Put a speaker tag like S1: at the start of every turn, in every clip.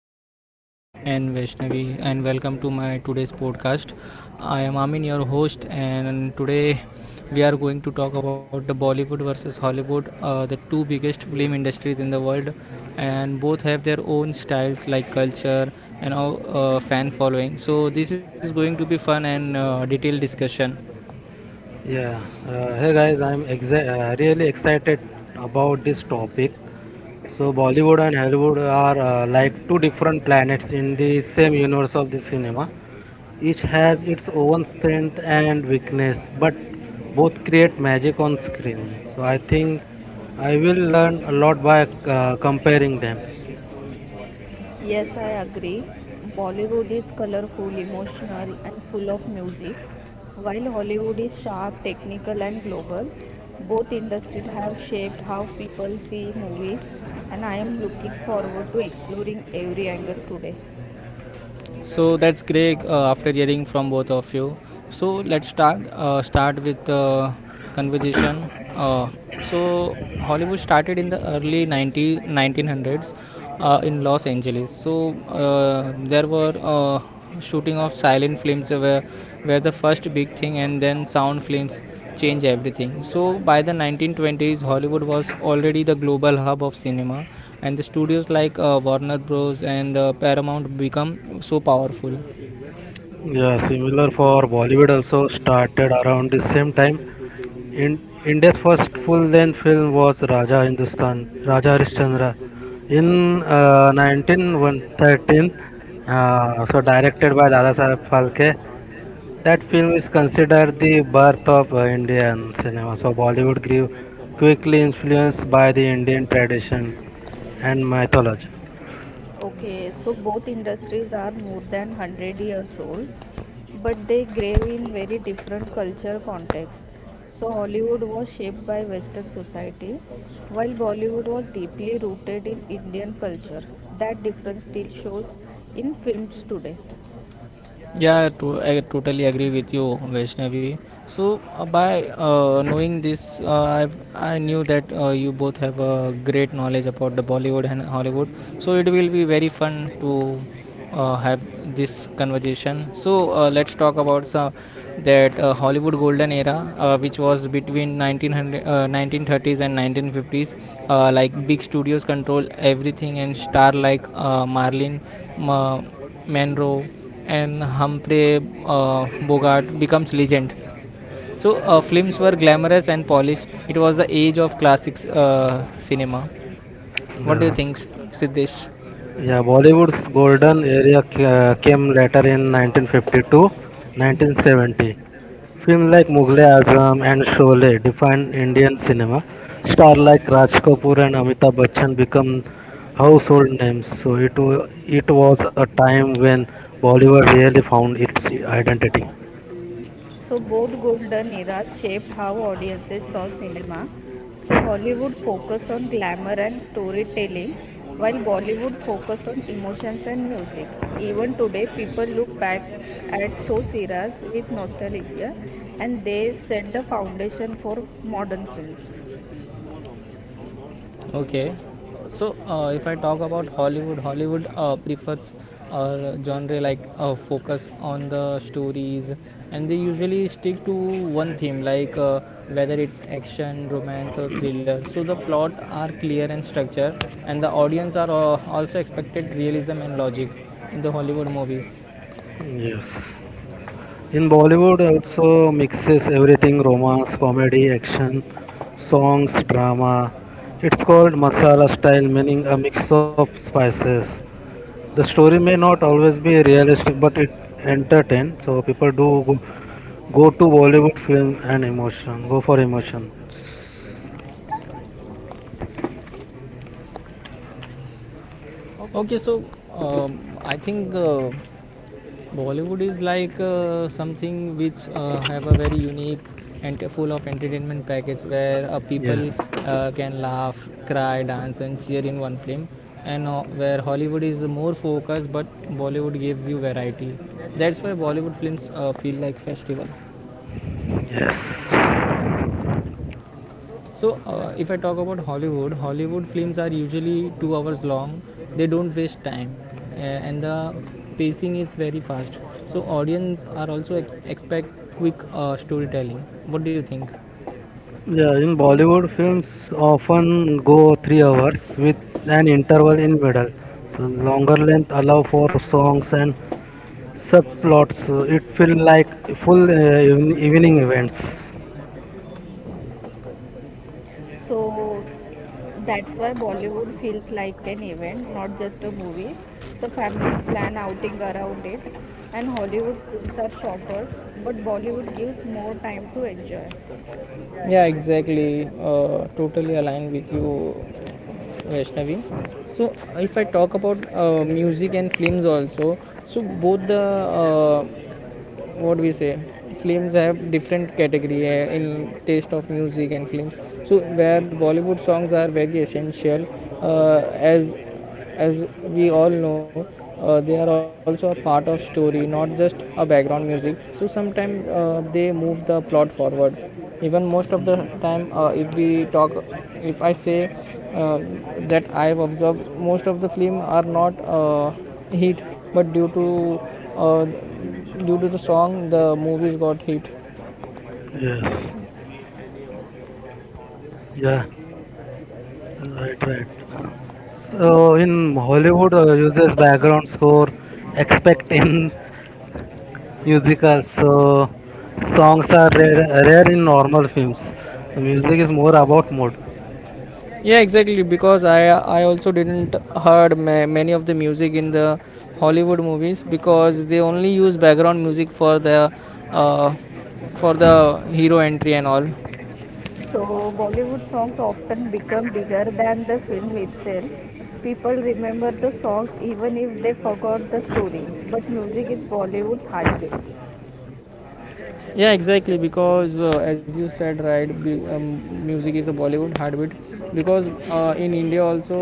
S1: afternoon, Siddesh and Vaishnavi, and welcome to my today's podcast. I am Amin, your host, and today we are going to talk about the Bollywood versus Hollywood, the two biggest film industries in the world, and both have their own styles like culture and all, fan following. So this is going to be fun and detailed discussion.
S2: Yeah, hey guys, I'm exa really excited about this topic. So, Bollywood and Hollywood are like two different planets in the same universe of the cinema. Each has its own strength and weakness, but both create magic on screen. So, I think I will learn a lot by comparing them.
S3: Yes, I agree. Bollywood is colorful, emotional, and full of music, while Hollywood is sharp, technical, and global. Both industries have shaped how people see movies, and I am looking forward to exploring every angle today.
S1: So that's great after hearing from both of you. So let's start with the conversation. Uh, so Hollywood started in the early 90, nineteen hundreds in Los Angeles. So there were shooting of silent films were the first big thing, and then sound films changed everything. So by the 1920s, Hollywood was already the global hub of cinema, and the studios like warner bros and paramount become so powerful.
S2: Yeah, similar for Bollywood also started around the same time. In India's first full-length film was Raja Hindustan, Raja Harishchandra, in 1913, so directed by Dada Saheb Phalke. That film is considered the birth of Indian cinema. So Bollywood grew quickly influenced by the Indian tradition and mythology.
S3: Okay, so both industries are more than 100 years old, but they grew in very different culture context. So Hollywood was shaped by Western society, while Bollywood was deeply rooted in Indian culture. That difference still shows in films today.
S1: I totally agree with you, Vaishnavi. So by knowing this, I knew that you both have a great knowledge about the Bollywood and Hollywood. So it will be very fun to have this conversation. So let's talk about some that Hollywood golden era, which was between 1900, 1930s and 1950s. Like big studios control everything, and star like Marlene Ma- Monroe and Humphrey Bogart becomes legend. So films were glamorous and polished. It was the age of classic cinema. What do you
S2: The
S1: think, Siddesh?
S2: Yeah, Bollywood's golden era came later in 1952, 1970. Films like Mughal Azam and Sholay defined Indian cinema. Stars like Raj Kapoor and Amitabh Bachchan become household names. So it was a time when Bollywood really found its identity.
S3: So both golden eras shaped how audiences saw cinema. So Hollywood focused on glamour and storytelling, while Bollywood focused on emotions and music. Even today, people look back at those eras with nostalgia, and they set the foundation for modern films.
S1: Okay. So if I talk about Hollywood, Hollywood prefers uh, genre like focus on the stories, and they usually stick to one theme, like whether it's action, romance, or thriller. So the plot are clear and structured, and the audience are also expected realism and logic in the Hollywood movies.
S2: Yes. In Bollywood also mixes everything romance, comedy, action, songs, drama. It's called masala style meaning a mix of spices. The story may not always be realistic but it entertains so people go to Bollywood film and emotion go for emotion.
S3: Okay,
S1: Okay,
S3: so
S1: so I think Bollywood is like something which have a very unique and full of entertainment package where people
S2: Yes.
S1: can laugh, cry, dance, and cheer in one film, and where Hollywood is more focused, but Bollywood gives you variety. That's why Bollywood films feel like festival.
S2: Yes.
S1: So, if I talk about Hollywood, Hollywood films are usually 2 hours long. They don't waste time, and the pacing is very fast. So, audience are also expect quick storytelling. What do you think?
S2: Yeah, in
S3: Linda.
S2: Bollywood films often go 3 hours with an interval in middle. So longer length allow for songs and subplots. So it feel like full evening events.
S3: So that's why Bollywood feels like an event, not just a movie. So families plan outing around it, and Hollywood films are shorter, but Bollywood gives more time to enjoy.
S1: Yeah, exactly. Totally aligned with you, Vaishnavi. So, if I talk about music and films also, so both the what we say films have different category in taste of music and films. So, where Bollywood songs are very essential, uh, as as we all know, they are also a part of story, not just a background music. So sometimes they move the plot forward. Even most of the time, if we talk if I say uh, that I have observed most of the film are not hit, but uh, due to the song the movies got hit.
S2: Yes. Yeah. Right. Right. So in Hollywood uses background score, expect in musicals. So songs are rare in normal films. The music is more about mood.
S1: Yeah, exactly, because I also didn't heard many of the music in the Hollywood movies, because they only use background music uh, for the hero entry and all.
S3: So Bollywood songs often become bigger than the film itself. People remember the songs even if they forgot the story, but music is Bollywood's heartbeat.
S1: Yeah, exactly, because, as you said right music is a Bollywood heartbeat, because in India also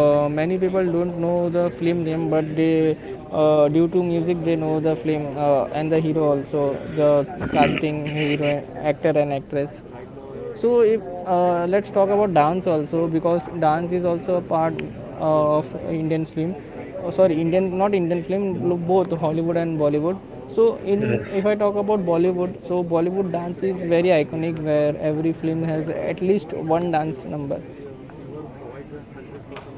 S1: many people don't know the film name, but they, due to music, they know the film and the hero also, the casting hero, actor and actress. So if let's talk about dance also, because dance is also a part of Indian film. Oh, sorry, Indian, not Indian film, both Hollywood and Bollywood. So
S2: Yes.
S1: in if I talk about Bollywood, so Bollywood dance is very iconic, where every film has at least one dance number.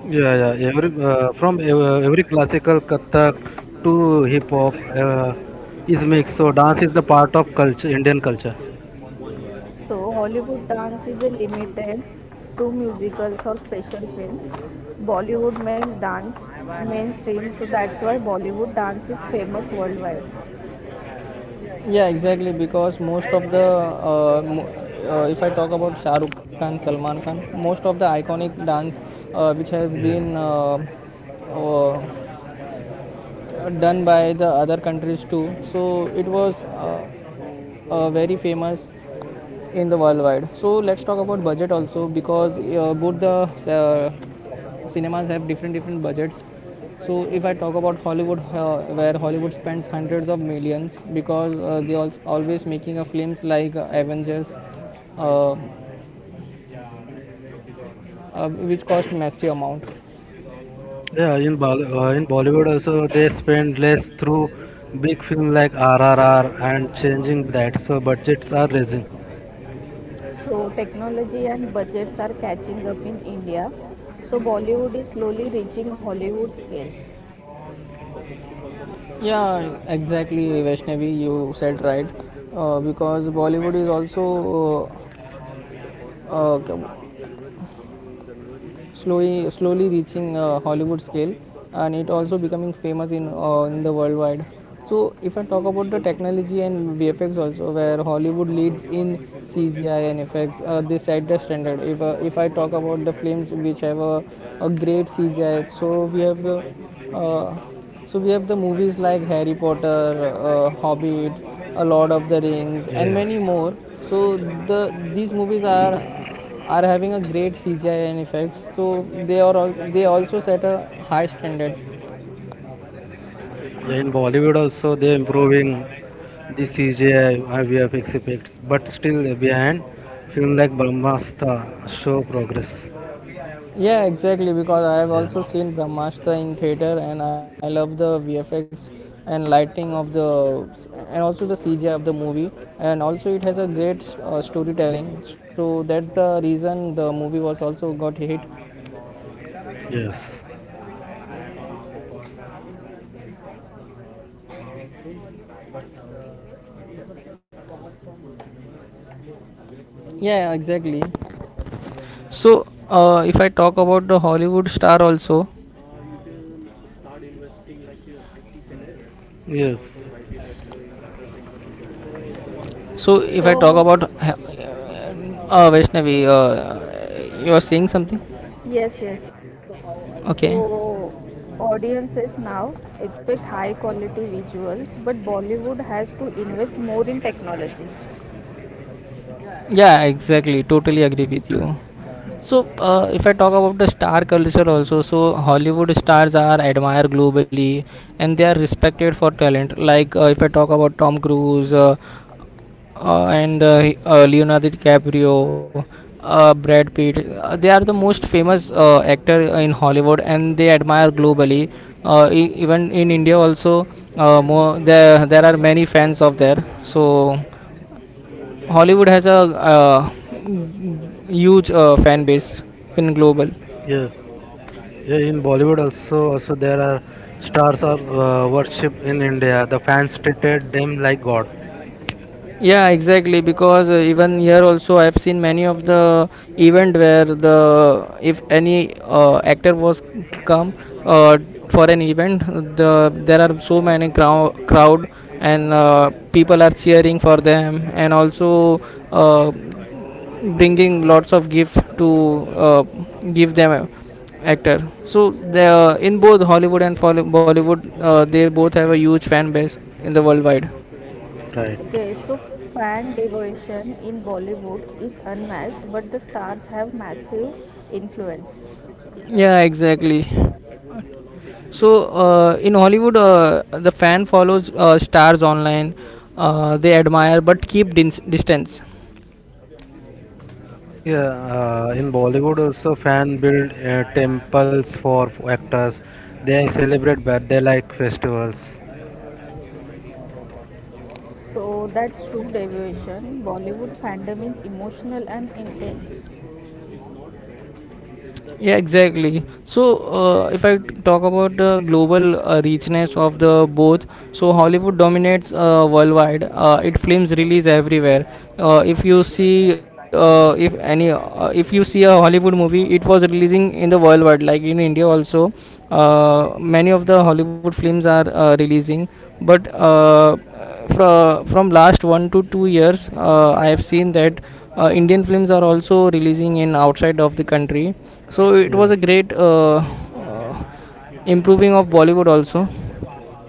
S2: Yeah, yeah. Every from ev- every classical Kathak to hip hop is mixed. So dance is the part of culture, Indian culture.
S3: So, Hollywood dance is limited to musicals or special films. Bollywood makes dance mainstream, so that's why Bollywood dance is famous worldwide.
S1: Yeah, exactly, because most of the uh, if I talk about Shah Rukh Khan, Salman Khan, most of the iconic dance uh, which has been
S2: Yes.
S1: uh, uh, done by the other countries too. So it was very famous in the worldwide. So let's talk about budget also, because both the cinemas have different different budgets. So if I talk about Hollywood, where Hollywood spends hundreds of millions, because they are always making a films like Avengers, uh, uh, which cost massive amount.
S2: Yeah, in Bollywood also they spend less through big film like RRR and changing that. So budgets are raising.
S3: So, technology and budgets are catching up in India. So, Bollywood is slowly reaching Hollywood scale.
S1: Yeah, exactly, Vaishnavi. You said right, because Bollywood is also uh, uh, slowly slowly reaching Hollywood scale, and it also becoming famous in the worldwide. So if I talk about the technology and VFX also, where Hollywood leads in CGI and effects, they set the standard. If I talk about the films which have a great CGI, so we have the uh, so we have the movies like Harry Potter, Hobbit, A Lord of the Rings, and many
S2: Yes.
S1: more. So these movies are having a great CGI and effects. So they also set a high standards.
S2: Yeah, in Bollywood also they improving the CGI and VFX effects, but still behind film like Brahmastra show progress.
S1: Yeah, exactly. Because I have
S2: Yeah.
S1: also seen Brahmastra in theater, and I love the VFX and lighting of the, and also the CGI of the movie, and also it has a great storytelling. So that's the reason the movie was also got hit.
S2: Yes.
S1: Yeah, exactly. So if I talk about the Hollywood star also,
S2: Yes,
S1: so if I talk
S3: So,
S1: about Vaishnavi, you are saying something?
S3: yes, yes.
S1: Okay.
S3: So, audiences now expect high quality visuals, but Bollywood has to invest more in technology.
S1: Yeah, exactly. Totally agree with you. So, if I talk about the star culture also, so Hollywood stars are admired globally, and they are respected for talent. Like, if I talk about Tom Cruise, and Leonardo DiCaprio, Brad Pitt, they are the most famous actor in Hollywood, and they admire globally. Even in India also, there are many fans of there. So. Hollywood has a huge fan base in global.
S2: yes. Yeah, in Bollywood also there are stars are worshipped in India. The fans treated them like god.
S1: Yeah, exactly. Because even here also, I've seen many of the event where the if any actor was come uh, for an event, there are so many crowd, and people are cheering for them, and also uh, bringing lots of gift to give them actor. So they in both Hollywood and Bollywood, they both have a huge fan base in the worldwide.
S2: Right.
S3: Okay, so fan devotion in Bollywood is unmatched, but the stars have massive influence.
S1: Yeah, exactly. So in Hollywood, the fan follows stars online. They admire but keep distance.
S2: Yeah, in Bollywood also fan build temples for actors. They celebrate birthday like festivals.
S3: So that's true devotion. Bollywood fandom is emotional and intense.
S1: Yeah, exactly. So if I talk about the global richness of the both, so Hollywood dominates worldwide. It films release everywhere. If you see a Hollywood movie, it was releasing in the worldwide, like in India also. Many of the Hollywood films are releasing, but from last 1 to 2 years, I have seen that Indian films are also releasing in outside of the country. So it was a
S2: Yes.
S1: great improving of Bollywood also.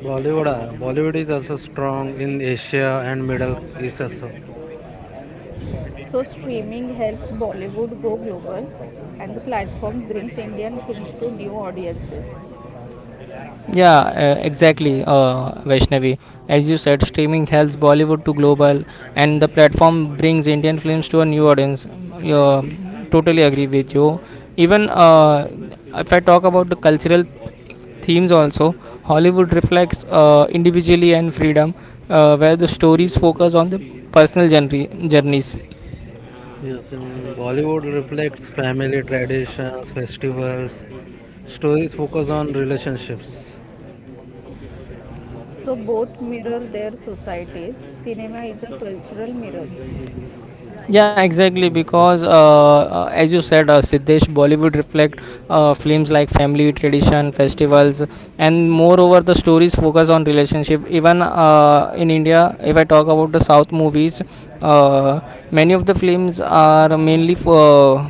S2: Bollywood is also strong in Asia and Middle East also.
S3: So streaming helps Bollywood go global, and the platform brings Indian films to new audiences.
S1: Yeah, exactly, Vaishnavi. As you said, streaming helps Bollywood to global, and the platform brings Indian films to a new audience. Totally agree with you. Even if I talk about the cultural themes, also Hollywood reflects individually and freedom, where the stories focus on the personal journeys.
S2: Yes, in Bollywood reflects family traditions, festivals. Stories focus on relationships.
S3: So both mirror their societies. Cinema is a cultural mirror.
S1: Yeah, exactly. Because as you said, Siddesh, Bollywood reflect films like family, tradition, festivals, and moreover, the stories focus on relationship. Even in India, if I talk about the South movies, uh, many of the films are mainly for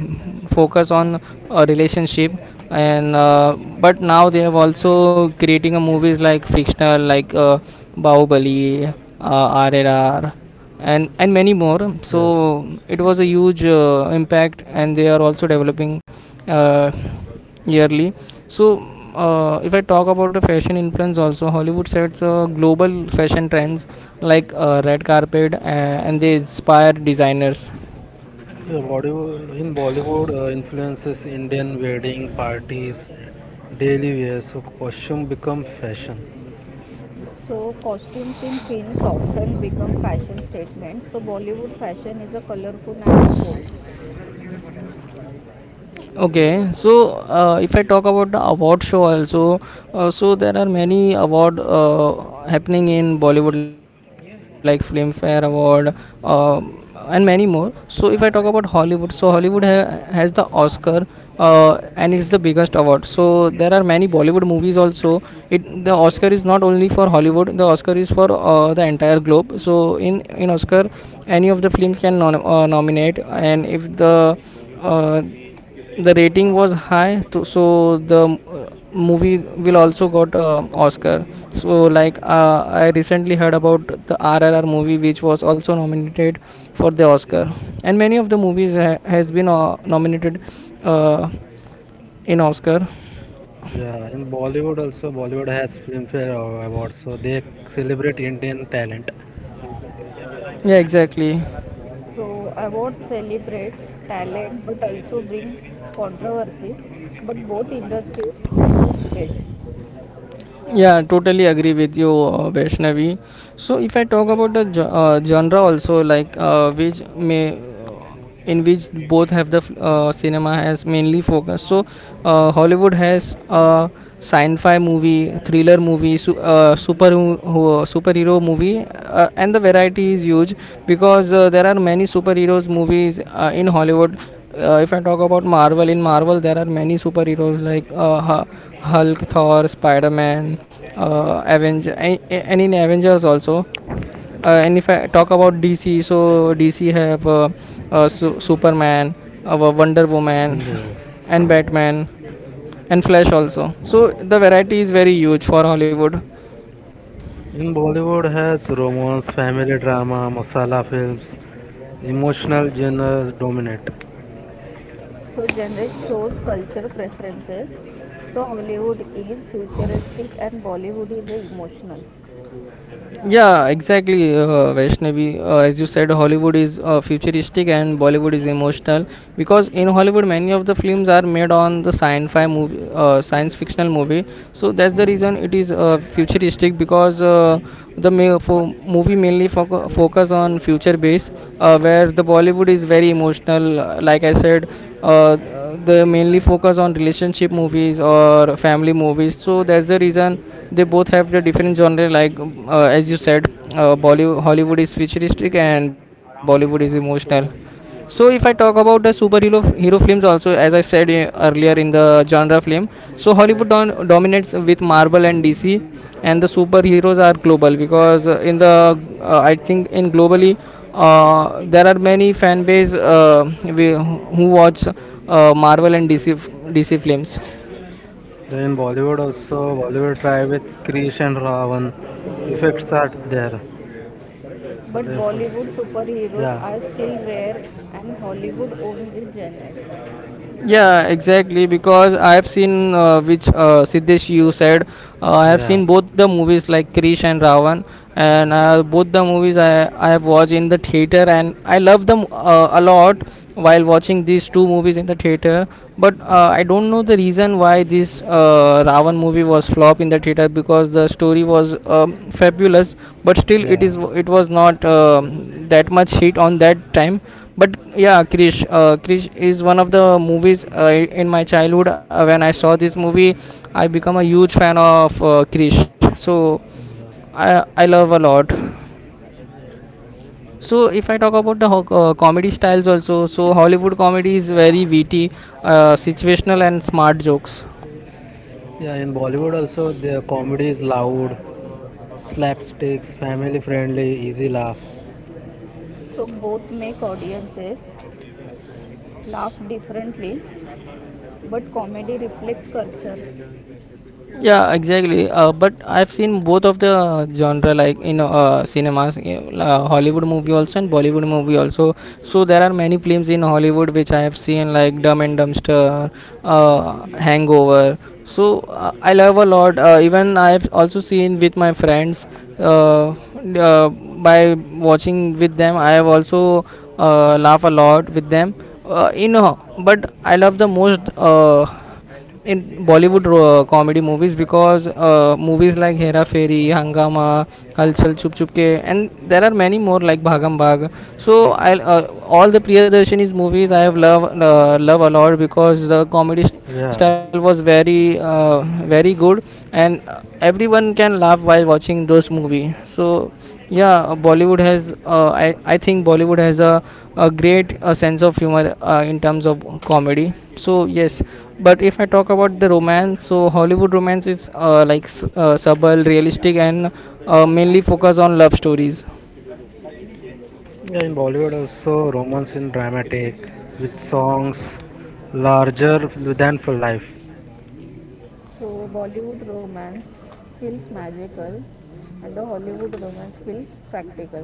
S1: focus on a relationship. And but now they have also creating a movies like fictional like Bahubali, RRR and many more. So
S2: Yes.
S1: it was a huge impact, and they are also developing uh, yearly. So if I talk about the fashion influence also, Hollywood sets global fashion trends like red carpet, and they inspire designers.
S2: Yeah, in Bollywood influences Indian wedding parties, daily wear, so costume become fashion.
S3: So costumes in films often become fashion statements. So Bollywood fashion is a colorful and bold.
S1: Okay, so if I talk about the award show also, so there are many award happening in Bollywood like Filmfare Award, uh, and many more. So if I talk about Hollywood, so Hollywood has the Oscar, and it's the biggest award. So there are many Bollywood movies also it. The Oscar is not only for Hollywood, the Oscar is for the entire globe. So in Oscar, any of the films can nominate, and if the uh, the rating was high to, so the movie will also got Oscar. So like I recently heard about the RRR movie, which was also nominated for the
S2: Yeah.
S1: Oscar. And many of the movies has been nominated uh, in Oscar.
S2: Yeah, in Bollywood also Bollywood has Filmfare Awards, so they celebrate Indian talent.
S1: Yeah, exactly.
S3: So awards celebrate talent but also bring controversies. But both industries face debates.
S1: Yeah, totally agree with you, Vaishnavi. So if I talk about the genre also, like which may in which both have the cinema has mainly focused. So Hollywood has a sci-fi movie, thriller movie, superhero movie, and the variety is huge because there are many superheroes movies in Hollywood. If I talk about Marvel, in Marvel there are many superheroes like Hulk, Thor, Spider Man, Avenger, and in Avengers also. And if I talk about DC, so DC have Superman, Wonder Woman,
S2: Yes.
S1: and Batman, and Flash also. So the variety is very huge for Hollywood.
S2: In Bollywood has romance, family drama, masala films, emotional genres dominate.
S3: So genre shows culture preferences. So Hollywood is futuristic and Bollywood is a emotional.
S1: Yeah, exactly, Vaishnavi. As you said, Hollywood is futuristic and Bollywood is emotional, because in Hollywood, many of the films are made on the sci-fi movie, science fictional movie. So that's the reason it is futuristic, because the movie mainly focus on future base, where the Bollywood is very emotional. Like I said, uh, they mainly focus on relationship movies or family movies. So that's the reason they both have the different genre, like as you said, bollywood Hollywood is futuristic and Bollywood is emotional. So if I talk about the superhero hero films also, as I said earlier in the genre film, so Hollywood dominates with Marvel and DC, and the superheroes are global because in the I think in globally, there are many fan base, we, who watch Marvel and DC films.
S2: Then in Bollywood also Bollywood try with Krish and Ravan. Effects are there.
S3: But
S2: Sorry efforts.
S3: Bollywood superheroes
S2: Yeah,
S3: are still rare and Hollywood owns this genre.
S1: Yeah, exactly. Because I have seen which Siddesh, you said. I have
S2: yeah,
S1: seen both the movies like Krish and Ravan, and both the movies I have watched in the theater, and I love them a lot while watching these two movies in the theater. But I don't know the reason why this Ravan movie was flop in the theater, because the story was fabulous, but still it
S2: yeah.
S1: is it was not that much hit on that time. But yeah, Krish, Krish is one of the movies in my childhood. When I saw this movie, I become a huge fan of Krish. So I love a lot. So if I talk about the comedy styles also, so Hollywood comedy is very witty, situational, and smart jokes.
S2: Yeah, in Bollywood also their comedy is loud, slapsticks, family friendly, easy laugh.
S3: So both make audiences laugh differently, but comedy reflects culture.
S1: Yeah, exactly. But I've seen both of the genre, like in cinemas, Hollywood movie also and Bollywood movie also. So there are many films in Hollywood which I have seen, like Dumb and Dumbster, Hangover. So I love a lot. Even I've also seen with my friends. Uh, by watching with them, I have also laugh a lot with them. You know, but I love the most. In Bollywood comedy movies, because movies like Hera Fairy, Hangama, Kalchal Chup Chup Ke, and there are many more like Bhagam Bhag. So I all the Priyadarshini's movies I have love a lot, because the comedy
S2: Yeah.
S1: style was very very good, and everyone can laugh while watching those movies. So yeah, Bollywood has I think Bollywood has a great sense of humor in terms of comedy. So yes, but if I talk about the romance, so Hollywood romance is subtle, realistic, and mainly focus on love stories.
S2: Yeah, in Bollywood also romance in dramatic with songs larger than for life.
S3: So Bollywood romance feels magical and the Hollywood romance feels practical.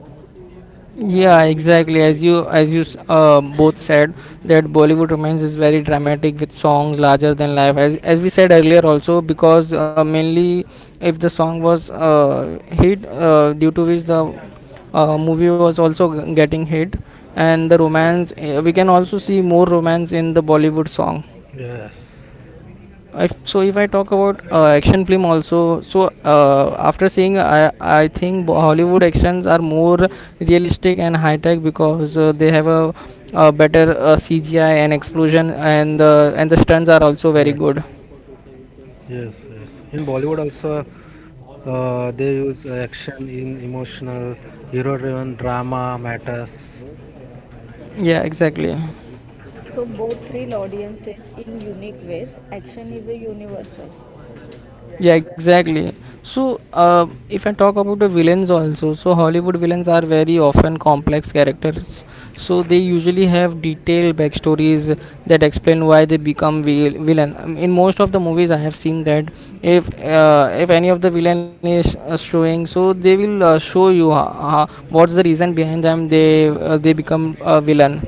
S1: Yeah, exactly. As you both said that Bollywood romance is very dramatic with songs larger than life. As we said earlier also, because mainly if the song was hit, due to which the movie was also getting hit, and the romance we can also see more romance in the Bollywood song.
S2: Yes,
S1: If so if I talk about action film also, so after seeing I think Hollywood actions are more realistic and high tech, because they have a better CGI and explosion, and the stunts are also very good.
S2: right. Yes, yes. In Bollywood also, they use action in emotional, hero-driven drama matters.
S1: Yeah, exactly.
S3: So both thrill audiences in unique ways. Action is a universal.
S1: Yeah, exactly. So, if I talk about the villains also, so Hollywood villains are very often complex characters. So they usually have detailed backstories that explain why they become villain. In most of the movies, I have seen that if any of the villain is showing, so they will show you what's the reason behind them. They become a villain.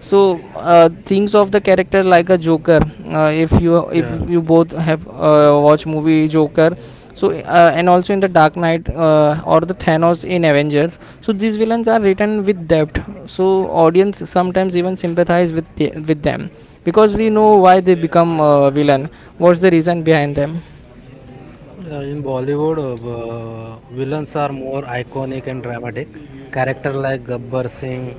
S1: So things of the character like a Joker, if
S2: Yeah.
S1: you both have watched movie Joker. So and also in The Dark Knight, or the Thanos in Avengers. So these villains are written with depth, so audience sometimes even sympathize with them, because we know why they become villain, what's the reason behind them.
S2: Yeah, in Bollywood, villains are more iconic and dramatic. Character like Gabbar Singh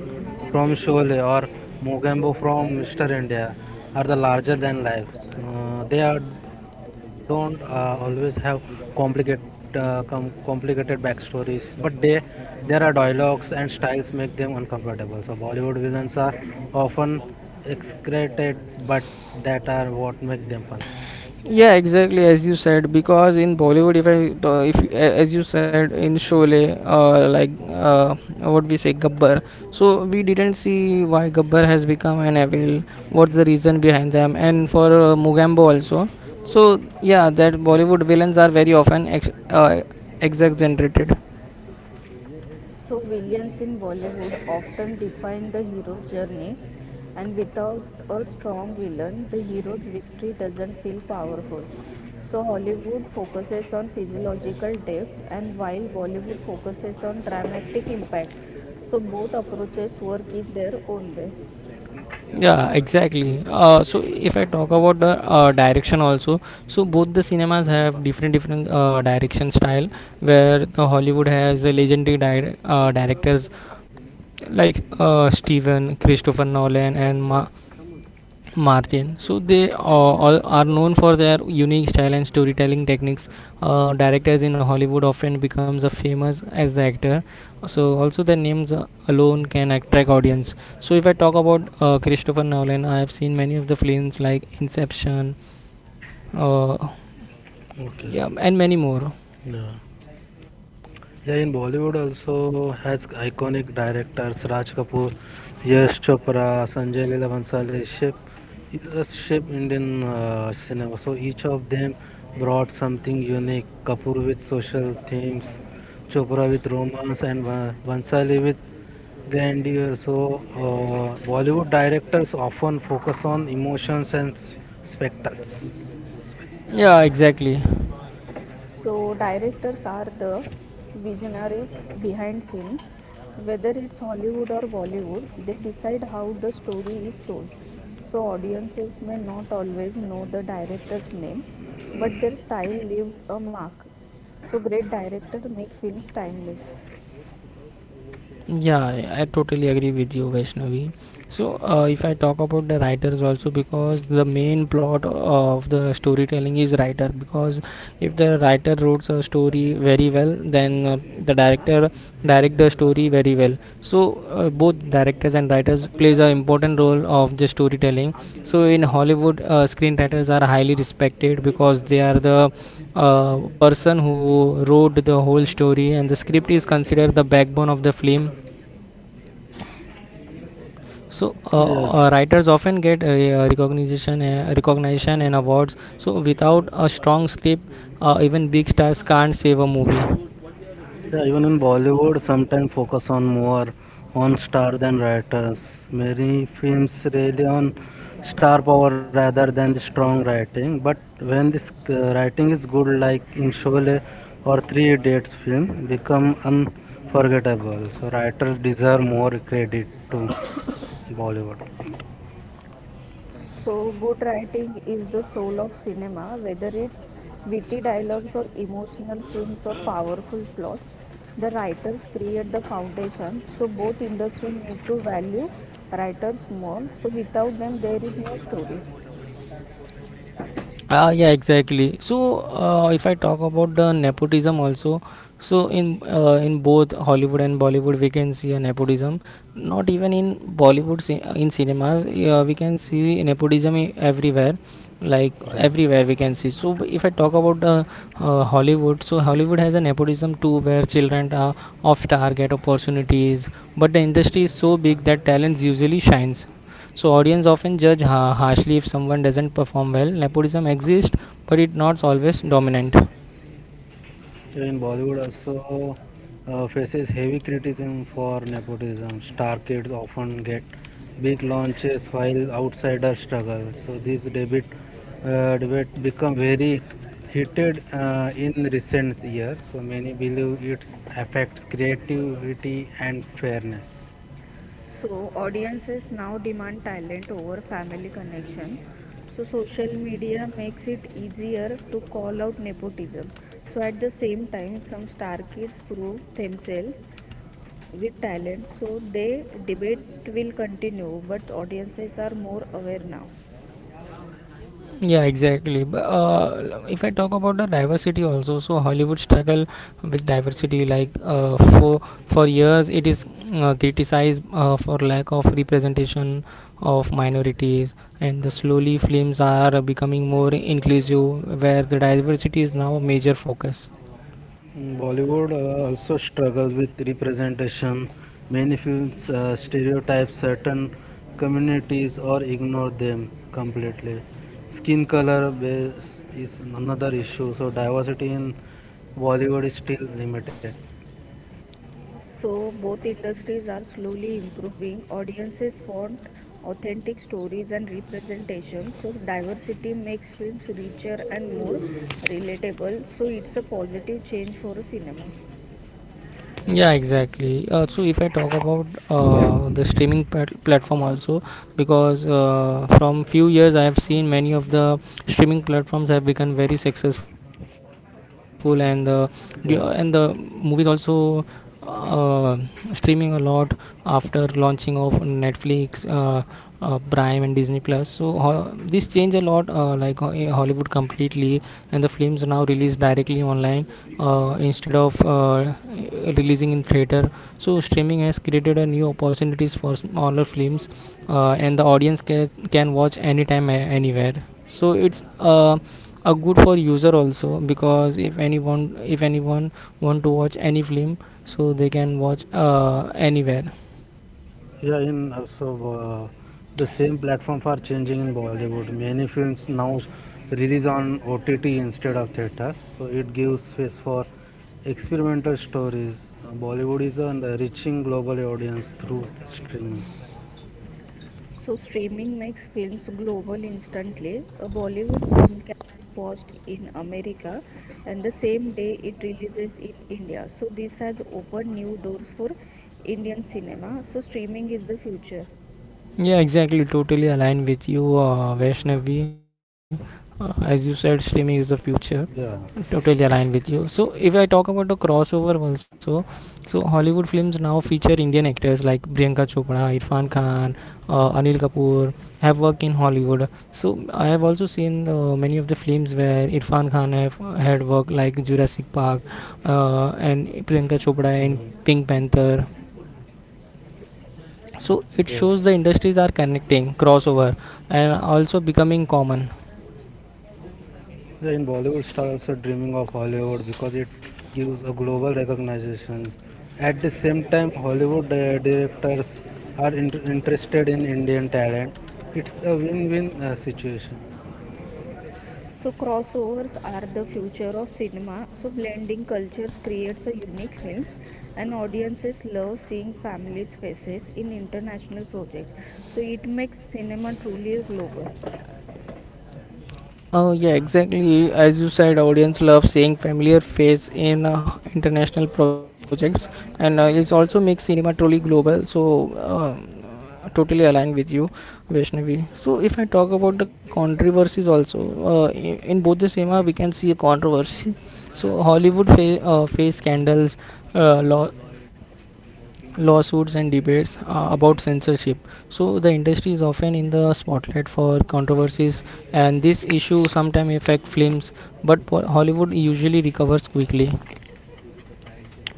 S2: from Sholay or Mogambo from Mr. India are the larger than lives. They are don't always have complicated, complicated backstories, but they there are dialogues and styles make them uncomfortable. So Bollywood villains are often excreted, but that are what make them fun.
S1: Yeah, exactly, as you said. Because in Bollywood, if I to- if a- as you said in Sholay, uh, like uh, what we say Gabbar. So we didn't see why Gabbar has become an evil. What's the reason behind them? And for Mugambo also. So yeah, that Bollywood villains are very often exaggerated.
S3: So villains in Bollywood often define the hero's journey and without a strong villain the hero's victory doesn't feel powerful. So Hollywood focuses on physiological depth and while Bollywood focuses on dramatic impact. So both approaches work in their own way.
S1: Yeah, exactly. So if I talk about the direction also, so both the cinemas have different direction style. Where the Hollywood has a legendary directors like Steven, Christopher Nolan, and Martin. So they all are known for their unique style and storytelling techniques. Directors in Hollywood often becomes a famous as the actor. So also their names alone can attract audience. So if I talk about Christopher Nolan, I have seen many of the films like Inception, uh, yeah,
S2: Okay.
S1: and many more.
S2: Yeah. Yeah, in Bollywood also has iconic directors Raj Kapoor, Yash Chopra, Sanjay Leela Bhansali. Shape is a Shape Indian cinema. So each of them brought something unique. Kapoor with social themes, Chopra with romance, and Bhansali with grandeur. So Bollywood directors often focus on emotions and spectacles.
S1: Yeah, exactly.
S3: So directors are the visionaries behind films. Whether it's Hollywood or Bollywood, they decide how the story is told. So audiences may not always know the director's name, but their style leaves a mark. So great director make films timeless.
S1: Yeah, I totally agree with you, Vaishnavi. So, if I talk about the writers also, because the main plot of the storytelling is writer. Because if the writer wrote a story very well, then the director direct the story very well. So both directors and writers plays an important role of the storytelling. So in Hollywood, screenwriters are highly respected because they are the person who wrote the whole story, and the script is considered the backbone of the film. So
S2: Yes.
S1: writers often get recognition and awards. So without a strong script, even big stars can't save a movie.
S2: Yeah, even in Bollywood, sometimes focus on more on star than writers. Many films rely on star power rather than the strong writing. But when this writing is good, like in Sholay or Three Idiots film, become unforgettable. So writers deserve more credit to Bollywood.
S3: So, good writing is the soul of cinema, whether it's witty dialogues or emotional scenes or powerful plots. The writers create the foundation, so both industry need to value writers more. So, without them, there is no story.
S1: Ah, yeah, exactly. So, if I talk about the nepotism also, so in both Hollywood and Bollywood, we can see a nepotism. Not even in Bollywood, in cinemas, we can see nepotism everywhere. Like
S2: Right.
S1: everywhere we can see. So, if I talk about the Hollywood, so Hollywood has a nepotism too, where children are off target opportunities, but the industry is so big that talents usually shines. So audience often judge harshly if someone doesn't perform well. Nepotism exists, but it's not always dominant.
S2: Even Bollywood also faces heavy criticism for nepotism. Star kids often get big launches while outsiders struggle. So this debate become very heated in recent years. So many believe it affects creativity and fairness.
S3: So, audiences now demand talent over family connection. So, social media makes it easier to call out nepotism. So, at the same time, some star kids prove themselves with talent, so they debate will continue, but audiences are more aware now.
S1: Yeah, exactly. If I talk about the diversity also, so Hollywood struggle with diversity. Like for years, it is criticized for lack of representation of minorities, and the slowly films are becoming more inclusive, where the diversity is now a major focus.
S2: Bollywood also struggles with representation. Many films stereotype certain communities or ignore them completely. Skin color base is another issue, so diversity in Bollywood is still limited.
S3: So both industries are slowly improving. Audiences want authentic stories and representation, so diversity makes films richer and more relatable. So it's a positive change for cinema.
S1: Yeah, exactly. Uh, so if I talk about the streaming platform also, because from few years I have seen many of the streaming platforms have become very successful, and the movies
S2: Yes.
S1: also uh, streaming a lot after launching of Netflix, Prime, and Disney Plus. So this changed a lot, like Hollywood completely, and the films now released directly online instead of releasing in theater. So streaming has created a new opportunities for smaller films, and the audience can watch anytime anywhere. So it's a good for user also, because if anyone want to watch any film, so they can watch anywhere.
S2: Yeah, in also uh, the same platform for changing in Bollywood. Many films now release on OTT instead of theaters, so it gives space for experimental stories. Bollywood is on the reaching global audience through streaming.
S3: So streaming makes films global instantly. A Bollywood film can be watched in America and the same day it releases in India. So this has opened new doors for Indian cinema. So streaming is the future.
S1: Yeah, exactly, totally aligned with you, Vaishnavi. Uh, as you said, streaming is the future.
S2: Yeah.
S1: Totally aligned with you. So if I talk about the crossover also, so Hollywood films now feature Indian actors like Priyanka Chopra, Irfan Khan, Anil Kapoor have worked in Hollywood. So I have also seen many of the films where Irfan Khan have had work like Jurassic Park, and
S2: Mm.
S1: Priyanka Chopra in Pink Panther.
S2: Yes.
S1: So it shows the industries are connecting, crossover and also becoming common.
S2: In Bollywood, stars also dreaming of Hollywood because it gives a global recognition. At the same time, Hollywood directors are interested in Indian talent. It's a win-win situation.
S3: So crossovers are the future of cinema. So blending cultures creates a unique films and audiences love seeing families' faces in international projects. So it makes cinema truly global.
S1: Oh yeah, exactly. As you said, audience love seeing familiar face in international projects, and it also makes cinema truly global. So, totally aligned with you, Vaishnavi. So, if I talk about the controversies also, in both the cinema we can see a controversy. So, Hollywood face scandals, uh, law lawsuits, and debates about censorship. So the industry is often in the spotlight for controversies, and this issue sometimes affect films, but Hollywood usually recovers quickly.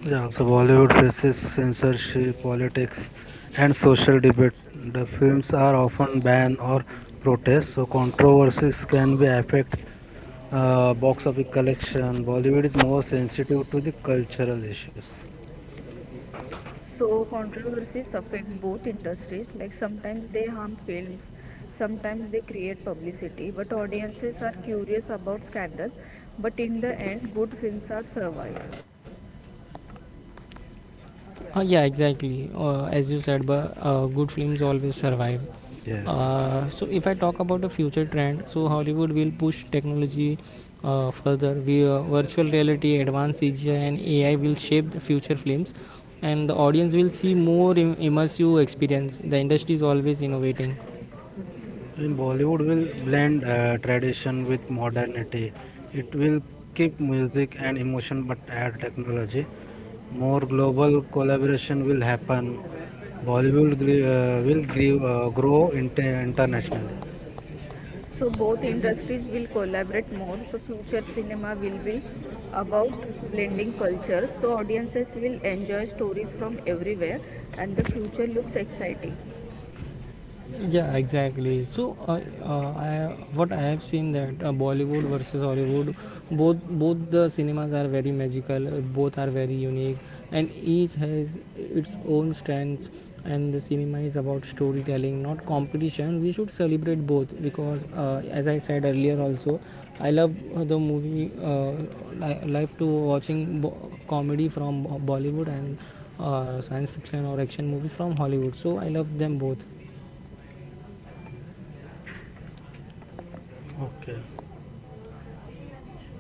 S2: Yeah, so Bollywood faces censorship, politics, and social debate. The films are often banned or protest, so controversies can be affect box office collection. Bollywood is more sensitive to the cultural issues.
S3: So controversies affect both industries, like sometimes they harm films, sometimes they create publicity, but audiences are curious about scandal, but in the end good films are survive.
S1: Uh, yeah, exactly. Uh, as you said, but good films always survive.
S2: Yes,
S1: So if I talk about the future trend, so Hollywood will push technology further. Virtual reality, advanced CGI, and AI will shape the future films, and the audience will see more immersive experience. The industry is always innovating.
S2: in Bollywood will blend tradition with modernity. It will keep music and emotion but add technology. More global collaboration will happen. Bollywood will grow internationally.
S3: So both industries will collaborate more, so future cinema will be about blending cultures, so audiences will enjoy stories from everywhere and the future looks exciting.
S1: Yeah, exactly. So, I what I have seen that Bollywood versus Hollywood, both the cinemas are very magical. Uh, both are very unique, and each has its own strengths. And the cinema is about storytelling, not competition. We should celebrate both because, as I said earlier, also, I love the movie. Life to watching comedy from Bollywood, and science fiction or action movies from Hollywood. So I love them both.
S2: Okay.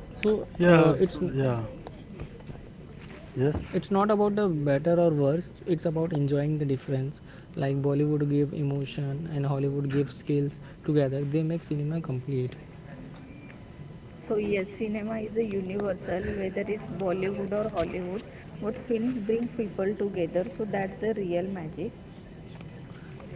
S1: So
S2: Yes. Yeah. Yes.
S1: it's not about the better or worse. It's about enjoying the difference. Like Bollywood give emotion and Hollywood give skills together. They make cinema complete.
S3: So yes, cinema is a universal, whether it's Bollywood or Hollywood. What films bring people together, so that's the real magic.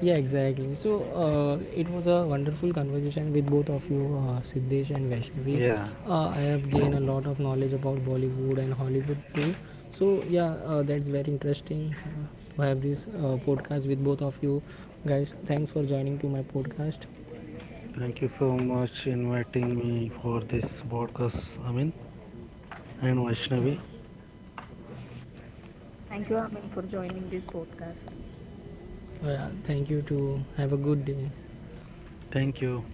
S1: Yeah, exactly. So it was a wonderful conversation with both of you, Siddesh and Vaishnavi.
S2: Yeah,
S1: I have gained a lot of knowledge about Bollywood and Hollywood too. So yeah, that's very interesting to have this podcast with both of you guys. Thanks for joining to my podcast.
S2: thank you so much inviting me for this broadcast. I mean, and Vaishnavi.
S1: Uh,
S3: Thank you, Amin, for joining this podcast.
S1: Thank you to have a good day.
S2: Thank you.